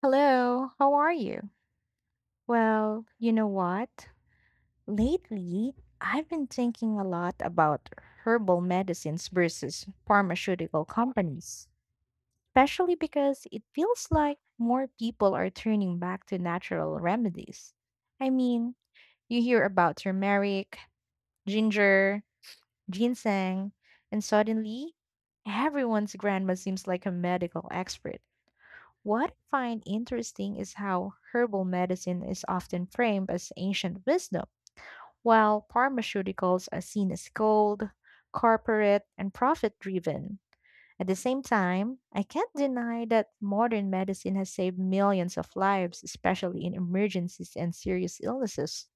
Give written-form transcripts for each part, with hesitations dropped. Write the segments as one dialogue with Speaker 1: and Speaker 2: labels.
Speaker 1: Hello, how are you? Well, you know what? Lately, I've been thinking a lot about herbal medicines versus pharmaceutical companies, especially because it feels like more people are turning back to natural remedies. I mean, you hear about turmeric, ginger, ginseng, and suddenly everyone's grandma seems like a medical expert. What I find interesting is how herbal medicine is often framed as ancient wisdom, while pharmaceuticals are seen as cold, corporate, and profit driven. At the same time, I can't deny that modern medicine has saved millions of lives, especially in emergencies and serious illnesses.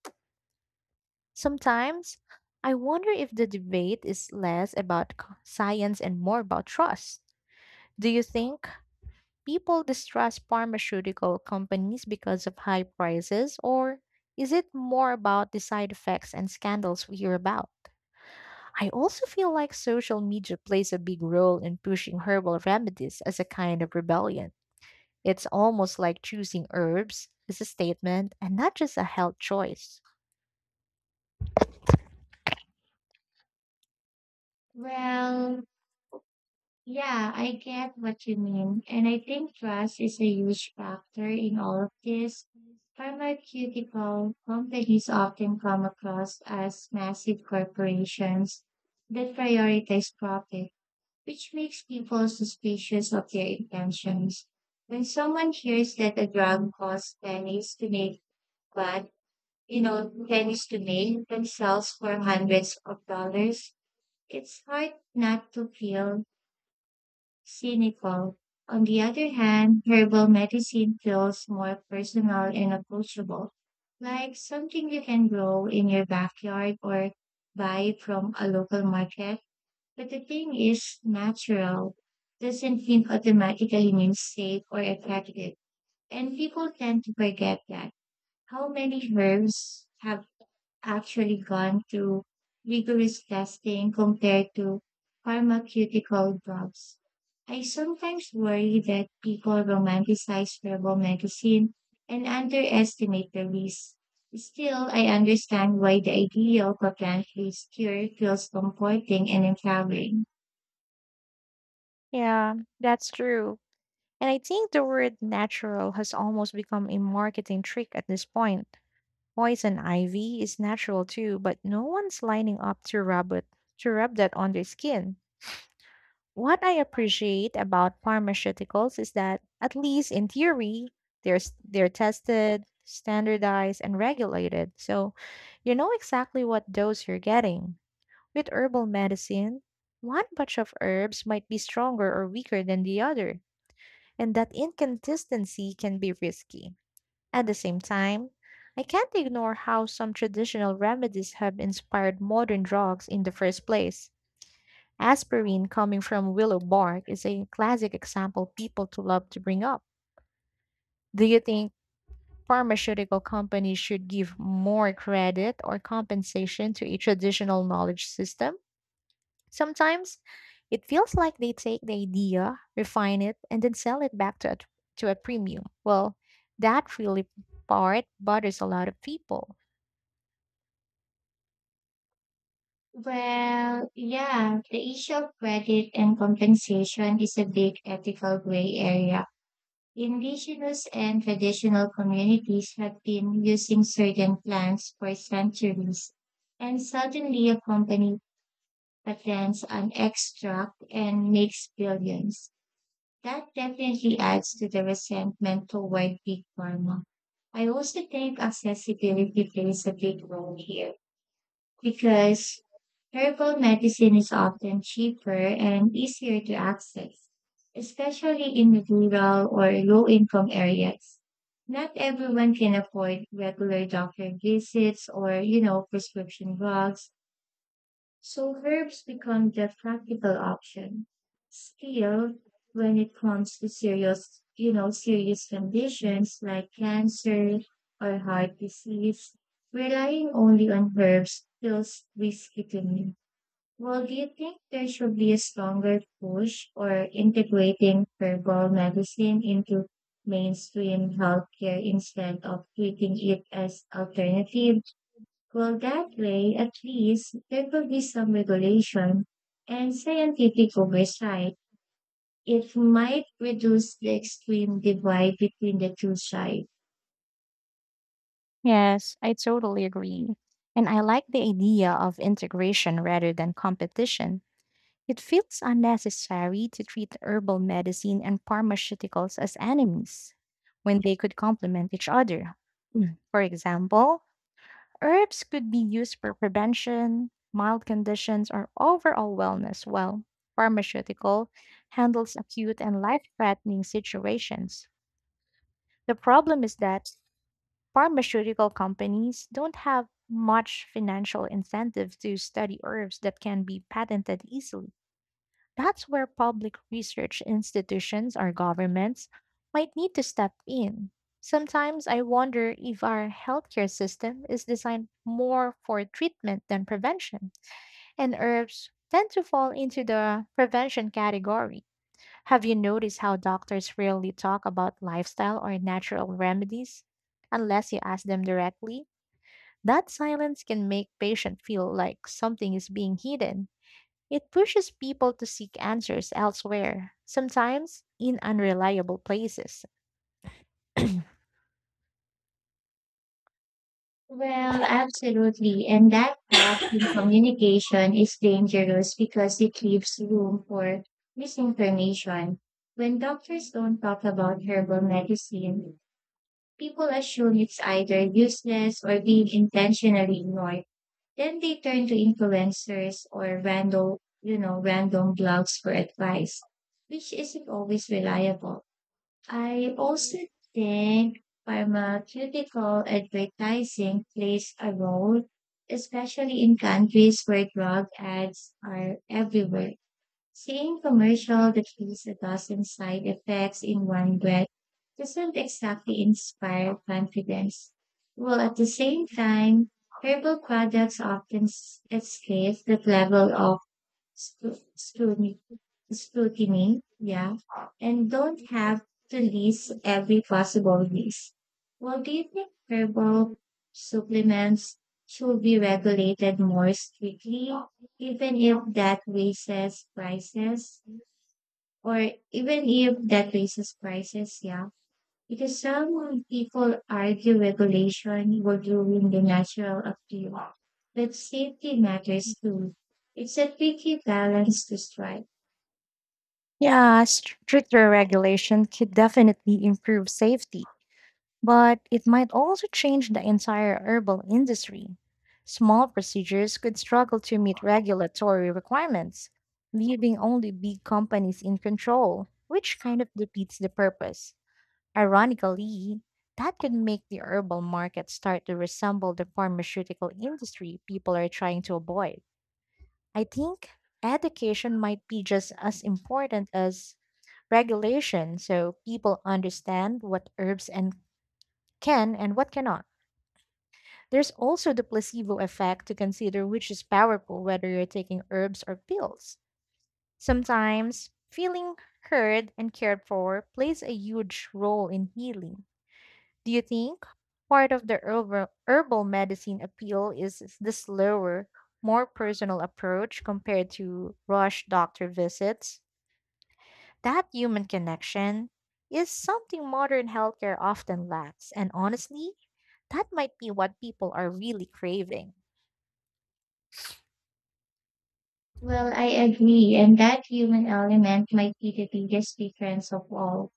Speaker 1: Sometimes, I wonder if the debate is less about science and more about trust. Do you think people distrust pharmaceutical companies because of high prices, or is it more about the side effects and scandals we hear about? I also feel like social media plays a big role in pushing herbal remedies as a kind of rebellion. It's almost like choosing herbs is a statement and not just a health choice.
Speaker 2: Well, yeah, I get what you mean. And I think trust is a huge factor in all of this. Pharmaceutical companies often come across as massive corporations that prioritize profit, which makes people suspicious of their intentions. When someone hears that a drug costs pennies to make, but, you know, pennies to make themselves for hundreds of dollars, it's hard not to feel cynical. On the other hand, herbal medicine feels more personal and approachable, like something you can grow in your backyard or buy from a local market. But the thing is, natural doesn't mean automatically means safe or effective, and people tend to forget that. How many herbs have actually gone through rigorous testing compared to pharmaceutical drugs? I sometimes worry that people romanticize herbal medicine and underestimate the risk. Still, I understand why the idea of a plant-based cure feels comforting and empowering.
Speaker 1: Yeah, that's true. And I think the word natural has almost become a marketing trick at this point. Poison ivy is natural too, but no one's lining up to rub it to rub that on their skin. What I appreciate about pharmaceuticals is that, at least in theory, they're tested, standardized, and regulated. So you know exactly what dose you're getting. With herbal medicine, one bunch of herbs might be stronger or weaker than the other, and that inconsistency can be risky. At the same time, I can't ignore how some traditional remedies have inspired modern drugs in the first place. Aspirin coming from willow bark is a classic example people to love to bring up. Do you think pharmaceutical companies should give more credit or compensation to a traditional knowledge system? Sometimes it feels like they take the idea, refine it, and then sell it back to a premium. Well, that really part bothers a lot of people.
Speaker 2: Well, yeah, the issue of credit and compensation is a big ethical gray area. Indigenous and traditional communities have been using certain plants for centuries, and suddenly a company patents an extract and makes billions. That definitely adds to the resentment toward big pharma. I also think accessibility plays a big role here because herbal medicine is often cheaper and easier to access, especially in rural or low income areas. Not everyone can afford regular doctor visits or, you know, prescription drugs, so herbs become the practical option. Still, when it comes to serious, you know, serious conditions like cancer or heart disease, relying only on herbs feels risky to me. Well, do you think there should be a stronger push or integrating herbal medicine into mainstream healthcare instead of treating it as alternative? Well, that way, at least, there will be some regulation and scientific oversight. It might reduce the extreme divide between the two sides.
Speaker 1: Yes, I totally agree. And I like the idea of integration rather than competition. It feels unnecessary to treat herbal medicine and pharmaceuticals as enemies when they could complement each other. Mm. For example, herbs could be used for prevention, mild conditions, or overall wellness, while pharmaceutical handles acute and life-threatening situations. The problem is that pharmaceutical companies don't have much financial incentive to study herbs that can be patented easily. That's where public research institutions or governments might need to step in. Sometimes I wonder if our healthcare system is designed more for treatment than prevention, and herbs tend to fall into the prevention category. Have you noticed how doctors rarely talk about lifestyle or natural remedies unless you ask them directly? That silence can make patients feel like something is being hidden. It pushes people to seek answers elsewhere, sometimes in unreliable places.
Speaker 2: Well, absolutely. And that gap in communication is dangerous because it leaves room for misinformation. When doctors don't talk about herbal medicine, people assume it's either useless or being intentionally ignored. Then they turn to influencers or random, you know, random blogs for advice, which isn't always reliable. I also think pharmaceutical advertising plays a role, especially in countries where drug ads are everywhere. Seeing commercial that shows a dozen side effects in one breath doesn't exactly inspire confidence. While at the same time, herbal products often escape that level of scru- scrutiny, scrutiny, yeah, and don't have to list every possible risk. Well, do you think herbal supplements should be regulated more strictly, even if that raises prices? Or even if that raises prices, yeah. Because some people argue regulation will ruin the natural appeal, but safety matters too. It's a tricky balance to strike.
Speaker 1: Yeah, stricter regulation could definitely improve safety, but it might also change the entire herbal industry. Small procedures could struggle to meet regulatory requirements, leaving only big companies in control, which kind of defeats the purpose. Ironically, that could make the herbal market start to resemble the pharmaceutical industry people are trying to avoid. I think education might be just as important as regulation so people understand what herbs and can and what cannot. There's also the placebo effect to consider which is powerful whether you're taking herbs or pills. Sometimes feeling heard and cared for plays a huge role in healing. Do you think part of the herbal medicine appeal is the slower, more personal approach compared to rush doctor visits? That human connection is something modern healthcare often lacks, and honestly, that might be what people are really craving.
Speaker 2: Well, I agree, and that human element might be the biggest difference of all.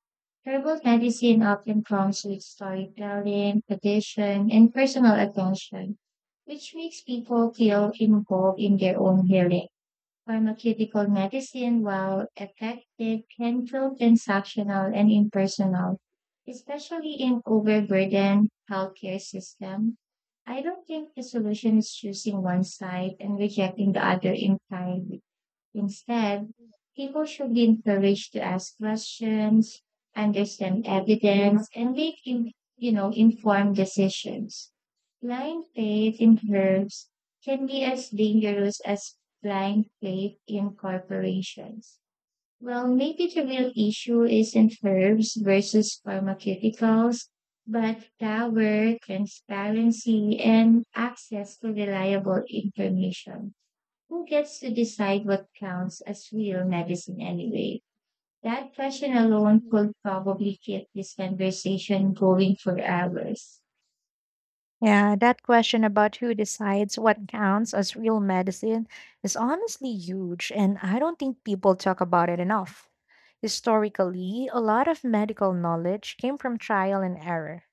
Speaker 2: Herbal medicine often comes with storytelling, tradition, and personal attention, which makes people feel involved in their own healing. Pharmaceutical medicine, while effective, can feel transactional and impersonal, especially in overburdened healthcare system. I don't think the solution is choosing one side and rejecting the other entirely. Instead, people should be encouraged to ask questions, understand evidence, and you know, informed decisions. Blind faith in herbs can be as dangerous as blind faith in corporations. Well, maybe the real issue isn't herbs versus pharmaceuticals, but power, transparency, and access to reliable information. Who gets to decide what counts as real medicine anyway? That question alone could probably keep this conversation going for hours.
Speaker 1: Yeah, that question about who decides what counts as real medicine is honestly huge, and I don't think people talk about it enough. Historically, a lot of medical knowledge came from trial and error,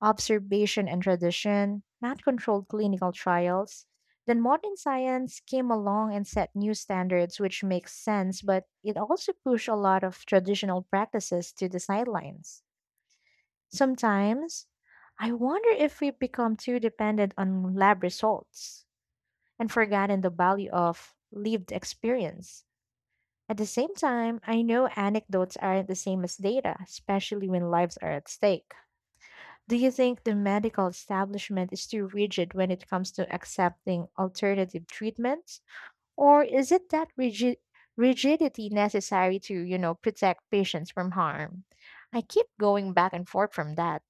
Speaker 1: observation and tradition, not controlled clinical trials. Then modern science came along and set new standards, which makes sense, but it also pushed a lot of traditional practices to the sidelines. Sometimes, I wonder if we've become too dependent on lab results and forgotten the value of lived experience. At the same time, I know anecdotes aren't the same as data, especially when lives are at stake. Do you think the medical establishment is too rigid when it comes to accepting alternative treatments? Or is it that rigidity necessary to protect patients from harm? I keep going back and forth from that.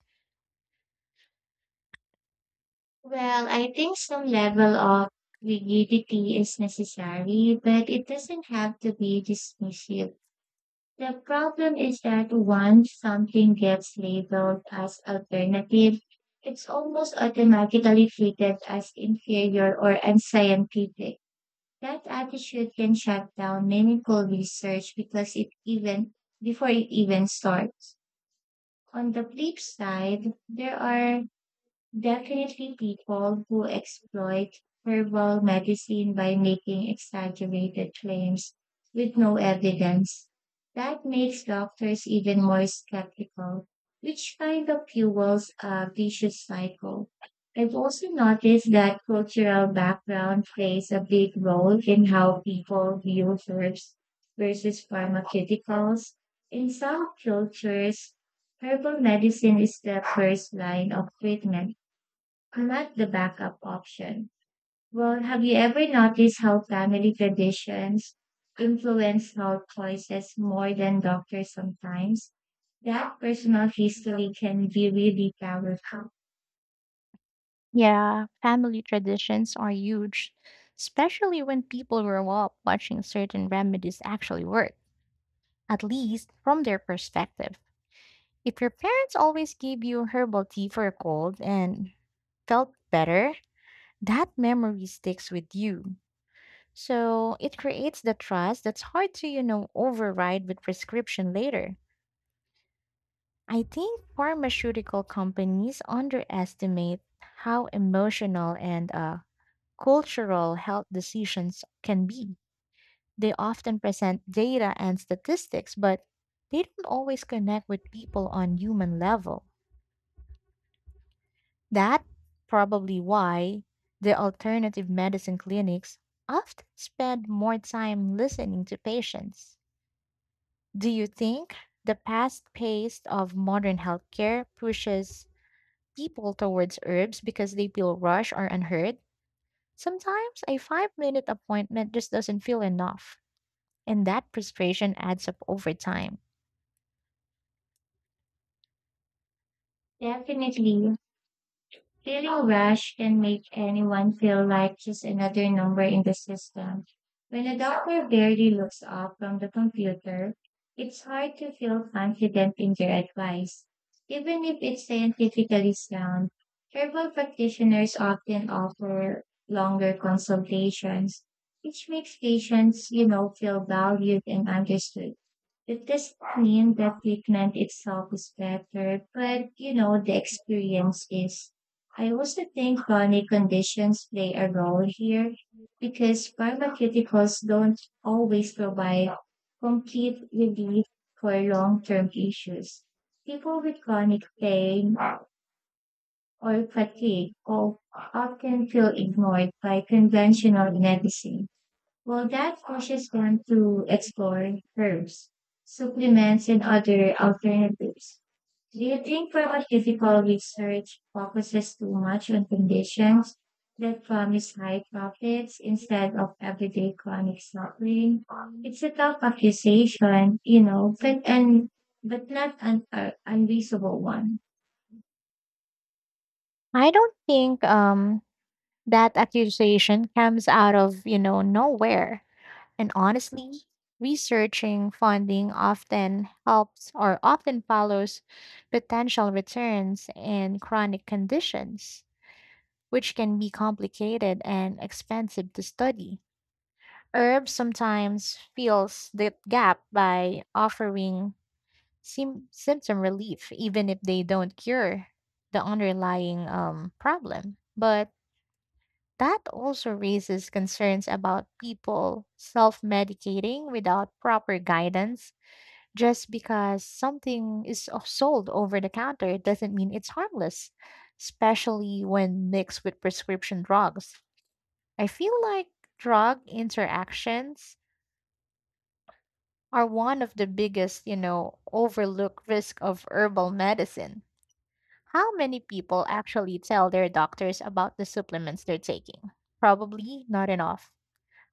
Speaker 2: Well, I think some level of rigidity is necessary, but it doesn't have to be dismissive. The problem is that once something gets labeled as alternative, it's almost automatically treated as inferior or unscientific. That attitude can shut down meaningful research because it even before it even starts. On the flip side, there are definitely people who exploit herbal medicine by making exaggerated claims with no evidence. That makes doctors even more skeptical, which kind of fuels a vicious cycle. I've also noticed that cultural background plays a big role in how people view herbs versus pharmaceuticals. In some cultures, herbal medicine is the first line of treatment I like the backup option. Well, have you ever noticed how family traditions influence health choices more than doctors sometimes? That personal history can be really powerful.
Speaker 1: Yeah, family traditions are huge, especially when people grow up watching certain remedies actually work, at least from their perspective. If your parents always gave you herbal tea for a cold and felt better, that memory sticks with you. So it creates the trust that's hard to override with prescription later. I think pharmaceutical companies underestimate how emotional and cultural health decisions can be. They often present data and statistics, but they don't always connect with people on human level. That probably why the alternative medicine clinics often spend more time listening to patients. Do you think the fast pace of modern healthcare pushes people towards herbs because they feel rushed or unheard? Sometimes a 5-minute appointment just doesn't feel enough. And that frustration adds up over time.
Speaker 2: Definitely. Feeling rushed can make anyone feel like just another number in the system. When a doctor barely looks up from the computer, it's hard to feel confident in their advice. Even if it's scientifically sound, herbal practitioners often offer longer consultations, which makes patients, you know, feel valued and understood. It doesn't mean the treatment itself is better, but you know, the experience is. I also think chronic conditions play a role here because pharmaceuticals don't always provide complete relief for long term issues. People with chronic pain or often feel ignored by conventional medicine. Well, that pushes them to explore herbs, supplements, and other alternatives. Do you think pharmaceutical research focuses too much on conditions that promise high profits instead of everyday chronic suffering? It's a tough accusation, you know, but not an unreasonable one.
Speaker 1: I don't think that accusation comes out of nowhere. And honestly, researching funding often helps or often follows potential returns in chronic conditions, which can be complicated and expensive to study. Herbs sometimes fills the gap by offering symptom relief, even if they don't cure the underlying problem. But that also raises concerns about people self medicating without proper guidance. Just because something is sold over the counter it doesn't mean it's harmless, especially when mixed with prescription drugs. I feel like drug interactions are one of the biggest, overlooked risk of herbal medicine. How many people actually tell their doctors about the supplements they're taking? Probably not enough.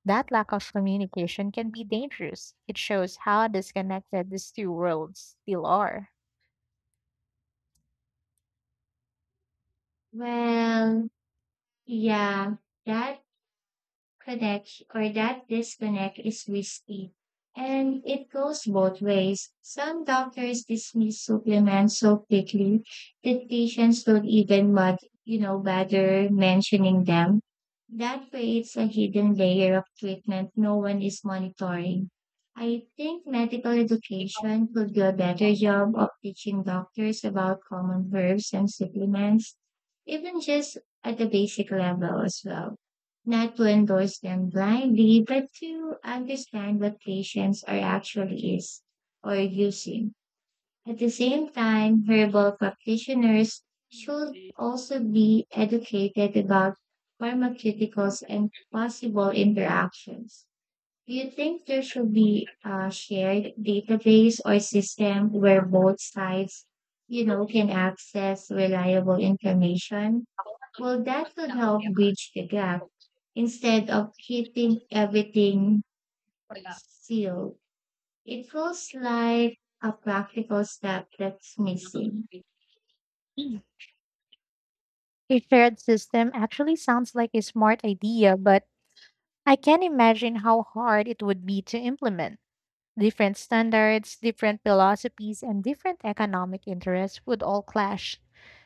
Speaker 1: That lack of communication can be dangerous. It shows how disconnected these two worlds still are.
Speaker 2: Well, yeah, that connect or that disconnect is risky. And it goes both ways. Some doctors dismiss supplements so quickly that patients don't even but you know, bother mentioning them. That creates a hidden layer of treatment no one is monitoring. I think medical education could do a better job of teaching doctors about common herbs and supplements, even just at the basic level as well, not to endorse them blindly, but to understand what patients are actually is or using. At the same time, herbal practitioners should also be educated about pharmaceuticals and possible interactions. Do you think there should be a shared database or system where both sides, you know, can access reliable information? Well, that could help bridge the gap instead of keeping everything sealed. It feels like a practical step that's missing.
Speaker 1: A shared system actually sounds like a smart idea, but I can't imagine how hard it would be to implement. Different standards, different philosophies, and different economic interests would all clash.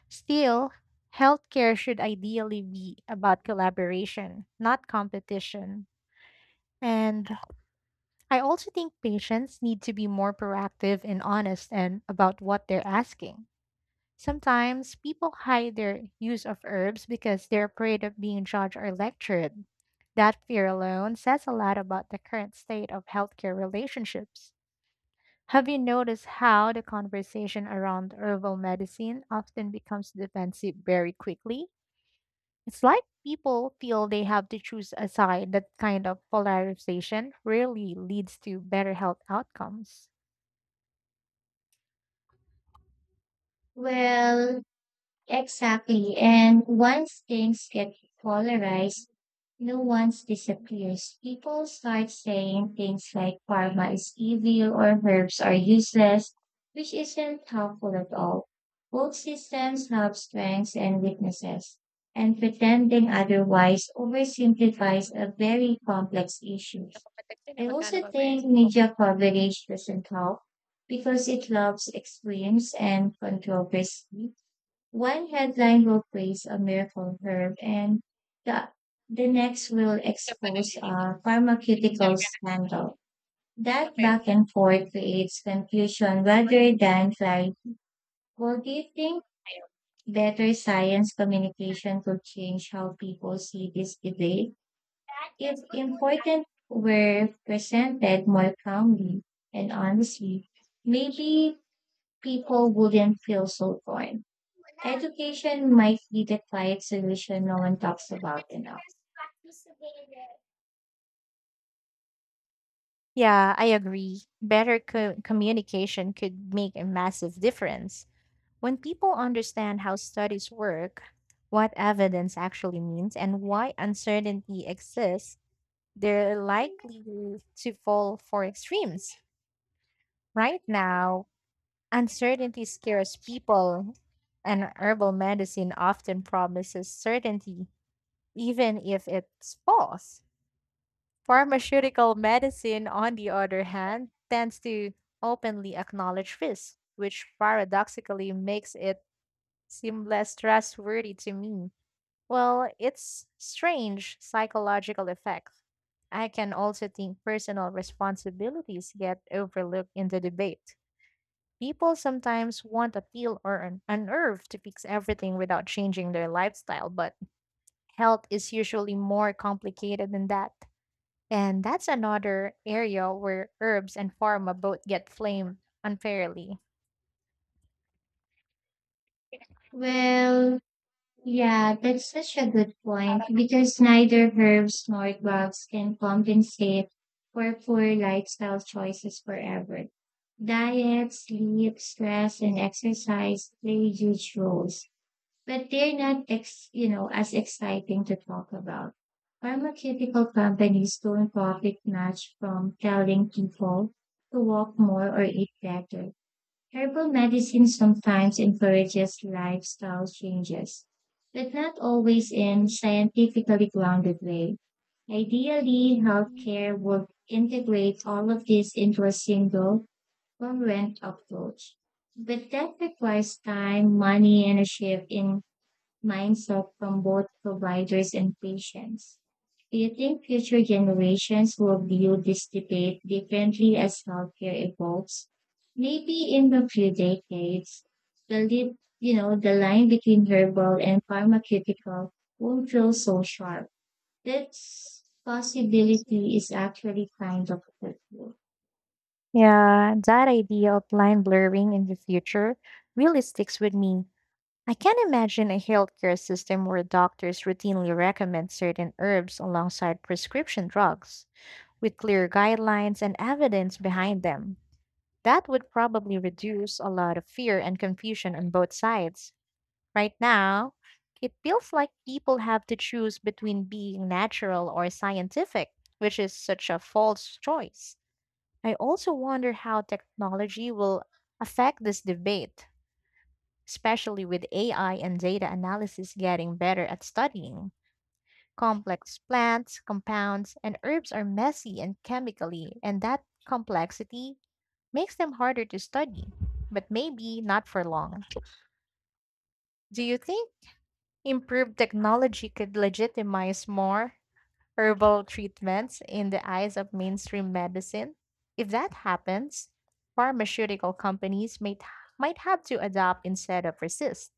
Speaker 1: Still, healthcare should ideally be about collaboration, not competition. And I also think patients need to be more proactive and honest and about what they're asking. Sometimes people hide their use of herbs because they're afraid of being judged or lectured. That fear alone says a lot about the current state of healthcare relationships. Have you noticed how the conversation around herbal medicine often becomes defensive very quickly? It's like people feel they have to choose a side. That kind of polarization rarely leads to better health outcomes.
Speaker 2: Well, exactly. And once things get polarized, nuance disappears. People start saying things like karma is evil or herbs are useless, which isn't helpful at all. Both systems have strengths and weaknesses, and pretending otherwise oversimplifies a very complex issue. I also think media coverage doesn't help because it loves extremes and controversy, one headline will praise a miracle herb, and the, the next will expose a pharmaceutical scandal. That back and forth creates confusion rather than clarity. Well, do you think better science communication could change how people see this debate? If important were presented more calmly and honestly, maybe people wouldn't feel so torn. Education might be the quiet solution no one talks about enough.
Speaker 1: Yeah, I agree. Better communication could make a massive difference. When people understand how studies work, what evidence actually means, and why uncertainty exists, they're likely to fall for extremes. Right now, uncertainty scares people, and herbal medicine often promises certainty, even if it's false. Pharmaceutical medicine, on the other hand, tends to openly acknowledge risk, which paradoxically makes it seem less trustworthy to me. Well, it's strange psychological effect. I can also think personal responsibilities get overlooked in the debate. People sometimes want a pill or an herb to fix everything without changing their lifestyle, but health is usually more complicated than that. And that's another area where herbs and pharma both get blamed unfairly.
Speaker 2: Well, yeah, that's such a good point because neither herbs nor drugs can compensate for poor lifestyle choices forever. Diet, sleep, stress, and exercise play huge roles, but they're not you know, as exciting to talk about. Pharmaceutical companies don't profit much from telling people to walk more or eat better. Herbal medicine sometimes encourages lifestyle changes, but not always in scientifically grounded way. Ideally, healthcare would integrate all of this into a single, congruent approach. But that requires time, money, and a shift in mindset from both providers and patients. Do you think future generations will view this debate differently as healthcare evolves? Maybe in a few decades, you know the line between herbal and pharmaceutical won't feel so sharp. This possibility is actually kind of hurtful.
Speaker 1: Yeah, that idea of line blurring in the future really sticks with me. I can't imagine a healthcare system where doctors routinely recommend certain herbs alongside prescription drugs, with clear guidelines and evidence behind them. That would probably reduce a lot of fear and confusion on both sides. Right now, it feels like people have to choose between being natural or scientific, which is such a false choice. I also wonder how technology will affect this debate, especially with AI and data analysis getting better at studying. Complex plants, compounds, and herbs are messy and chemically, and that complexity makes them harder to study, but maybe not for long. Do you think improved technology could legitimize more herbal treatments in the eyes of mainstream medicine? If that happens, pharmaceutical companies might have to adopt instead of resist.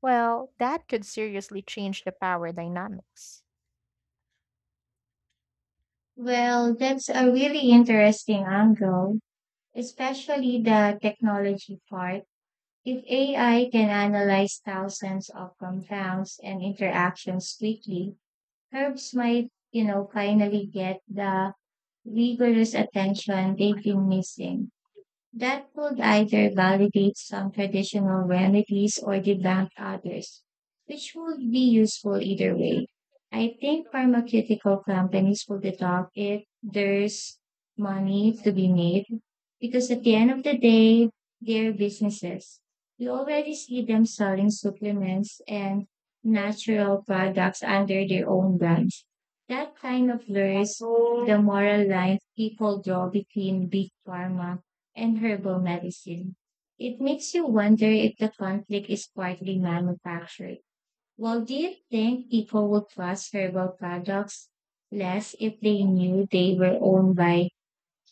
Speaker 1: Well, that could seriously change the power dynamics.
Speaker 2: Well, that's a really interesting angle, especially the technology part. If AI can analyze thousands of compounds and interactions quickly, herbs might, you know, finally get the rigorous attention they've been missing. That would either validate some traditional remedies or debunk others, which would be useful either way. I think pharmaceutical companies will be top if there's money to be made, because at the end of the day, they're businesses. We already see them selling supplements and natural products under their own brands. That kind of blurs the moral line people draw between big pharma and herbal medicine. It makes you wonder if the conflict is partly manufactured. Well, do you think people would trust herbal products less if they knew they were owned by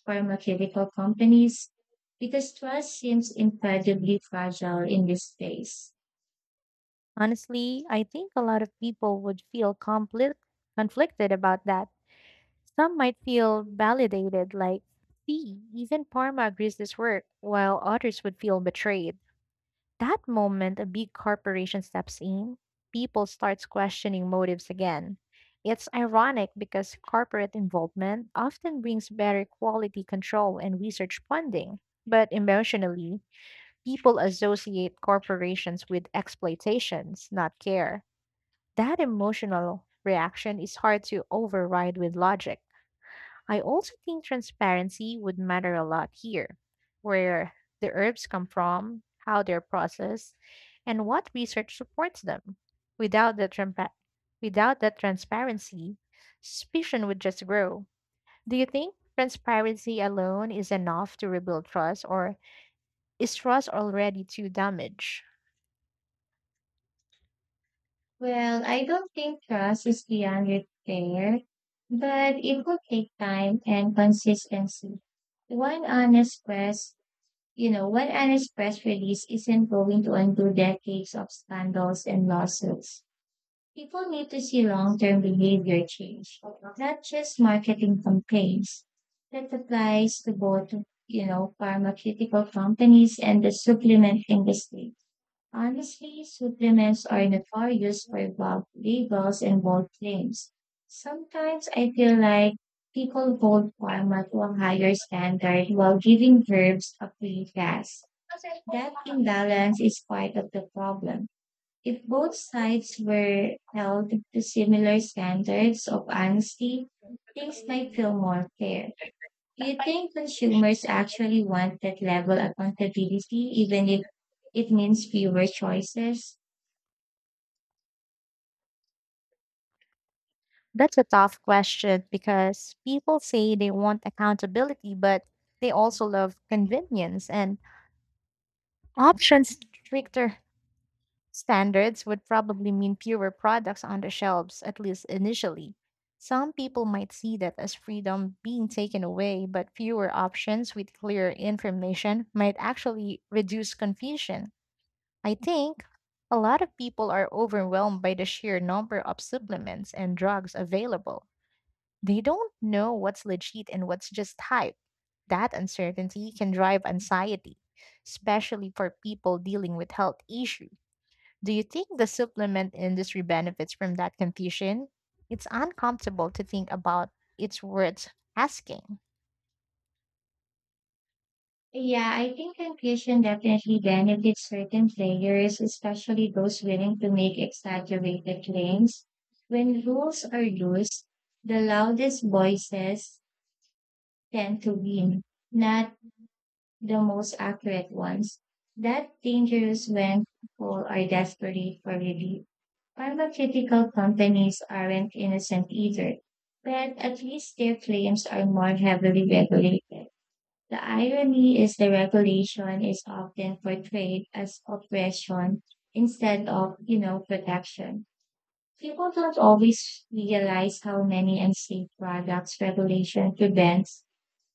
Speaker 2: pharmaceutical companies? Because trust seems incredibly fragile in this space.
Speaker 1: Honestly, I think a lot of people would feel conflicted about that. Some might feel validated, like, see, even Parma agrees this work, while others would feel betrayed. That moment a big corporation steps in, people starts questioning motives again. It's ironic because corporate involvement often brings better quality control and research funding. But emotionally, people associate corporations with exploitations, not care. That emotional reaction is hard to override with logic. I also think transparency would matter a lot here, where the herbs come from, how they're processed, and what research supports them. Without that, trampa- without that transparency, suspicion would just grow. Do you think transparency alone is enough to rebuild trust, or is trust already too damaged?
Speaker 2: Well, I don't think trust is beyond repair, but it will take time and consistency. One honest quest You know, one honest press release isn't going to undo decades of scandals and lawsuits. People need to see long term behavior change, not just marketing campaigns. That applies to both, you know, pharmaceutical companies and the supplement industry. Honestly, supplements are notorious for vague labels and bold claims. Sometimes I feel like people hold pharma to a higher standard while giving herbs a free pass. That imbalance is part of the problem. If both sides were held to similar standards of honesty, things might feel more fair. Do you think consumers actually want that level of accountability, even if it means fewer choices?
Speaker 1: That's a tough question because people say they want accountability, but they also love convenience and options. Stricter standards would probably mean fewer products on the shelves, at least initially. Some people might see that as freedom being taken away, but fewer options with clear information might actually reduce confusion. I think a lot of people are overwhelmed by the sheer number of supplements and drugs available. They don't know what's legit and what's just hype. That uncertainty can drive anxiety, especially for people dealing with health issues. Do you think the supplement industry benefits from that confusion? It's uncomfortable to think about. It's worth asking.
Speaker 2: Yeah, I think confusion definitely benefits certain players, especially those willing to make exaggerated claims. When rules are loose, the loudest voices tend to win, not the most accurate ones. That dangerous when people are desperate for relief. Pharmaceutical companies aren't innocent either, but at least their claims are more heavily regulated. The irony is the regulation is often portrayed as oppression instead of, you know, protection. People don't always realize how many unsafe products regulation prevents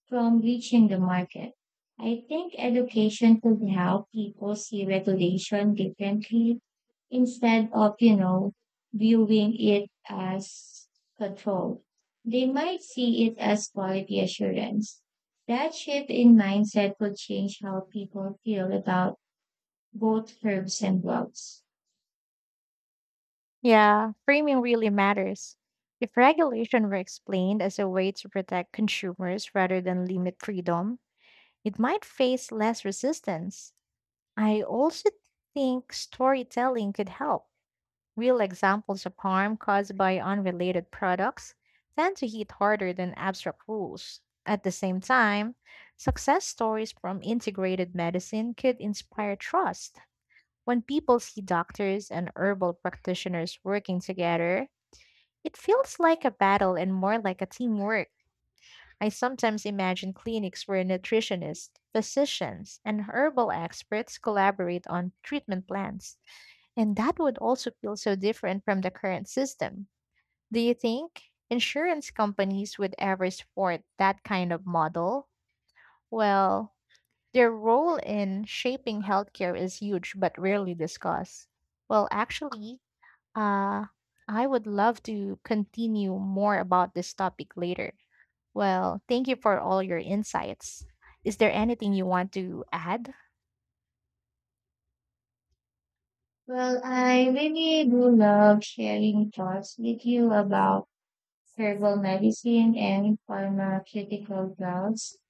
Speaker 2: from reaching the market. I think education could help people see regulation differently instead of, you know, viewing it as control. They might see it as quality assurance. That shift in mindset could change how people feel about both herbs and drugs.
Speaker 1: Yeah, framing really matters. If regulation were explained as a way to protect consumers rather than limit freedom, it might face less resistance. I also think storytelling could help. Real examples of harm caused by unrelated products tend to hit harder than abstract rules. At the same time, success stories from integrated medicine could inspire trust. When people see doctors and herbal practitioners working together, it feels like a battle and more like a teamwork. I sometimes imagine clinics where nutritionists, physicians, and herbal experts collaborate on treatment plans, and that would also feel so different from the current system. Do you think insurance companies would ever support that kind of model? Well, their role in shaping healthcare is huge but rarely discussed. Well, actually, uh, I would love to continue more about this topic later. Well, thank you for all your insights. Is there anything you want to add?
Speaker 2: Well, I really do love sharing thoughts with you about herbal medicine, and pharmaceutical drugs.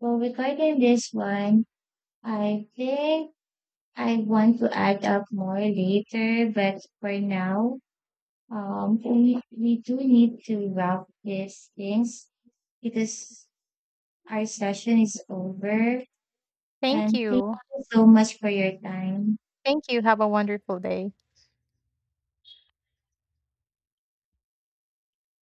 Speaker 2: Well, regarding this one, I think I want to add up more later, but for now, we do need to wrap these things because our session is over.
Speaker 1: Thank
Speaker 2: And thank
Speaker 1: you.
Speaker 2: you so much for your time.
Speaker 1: Thank you. Have a wonderful day.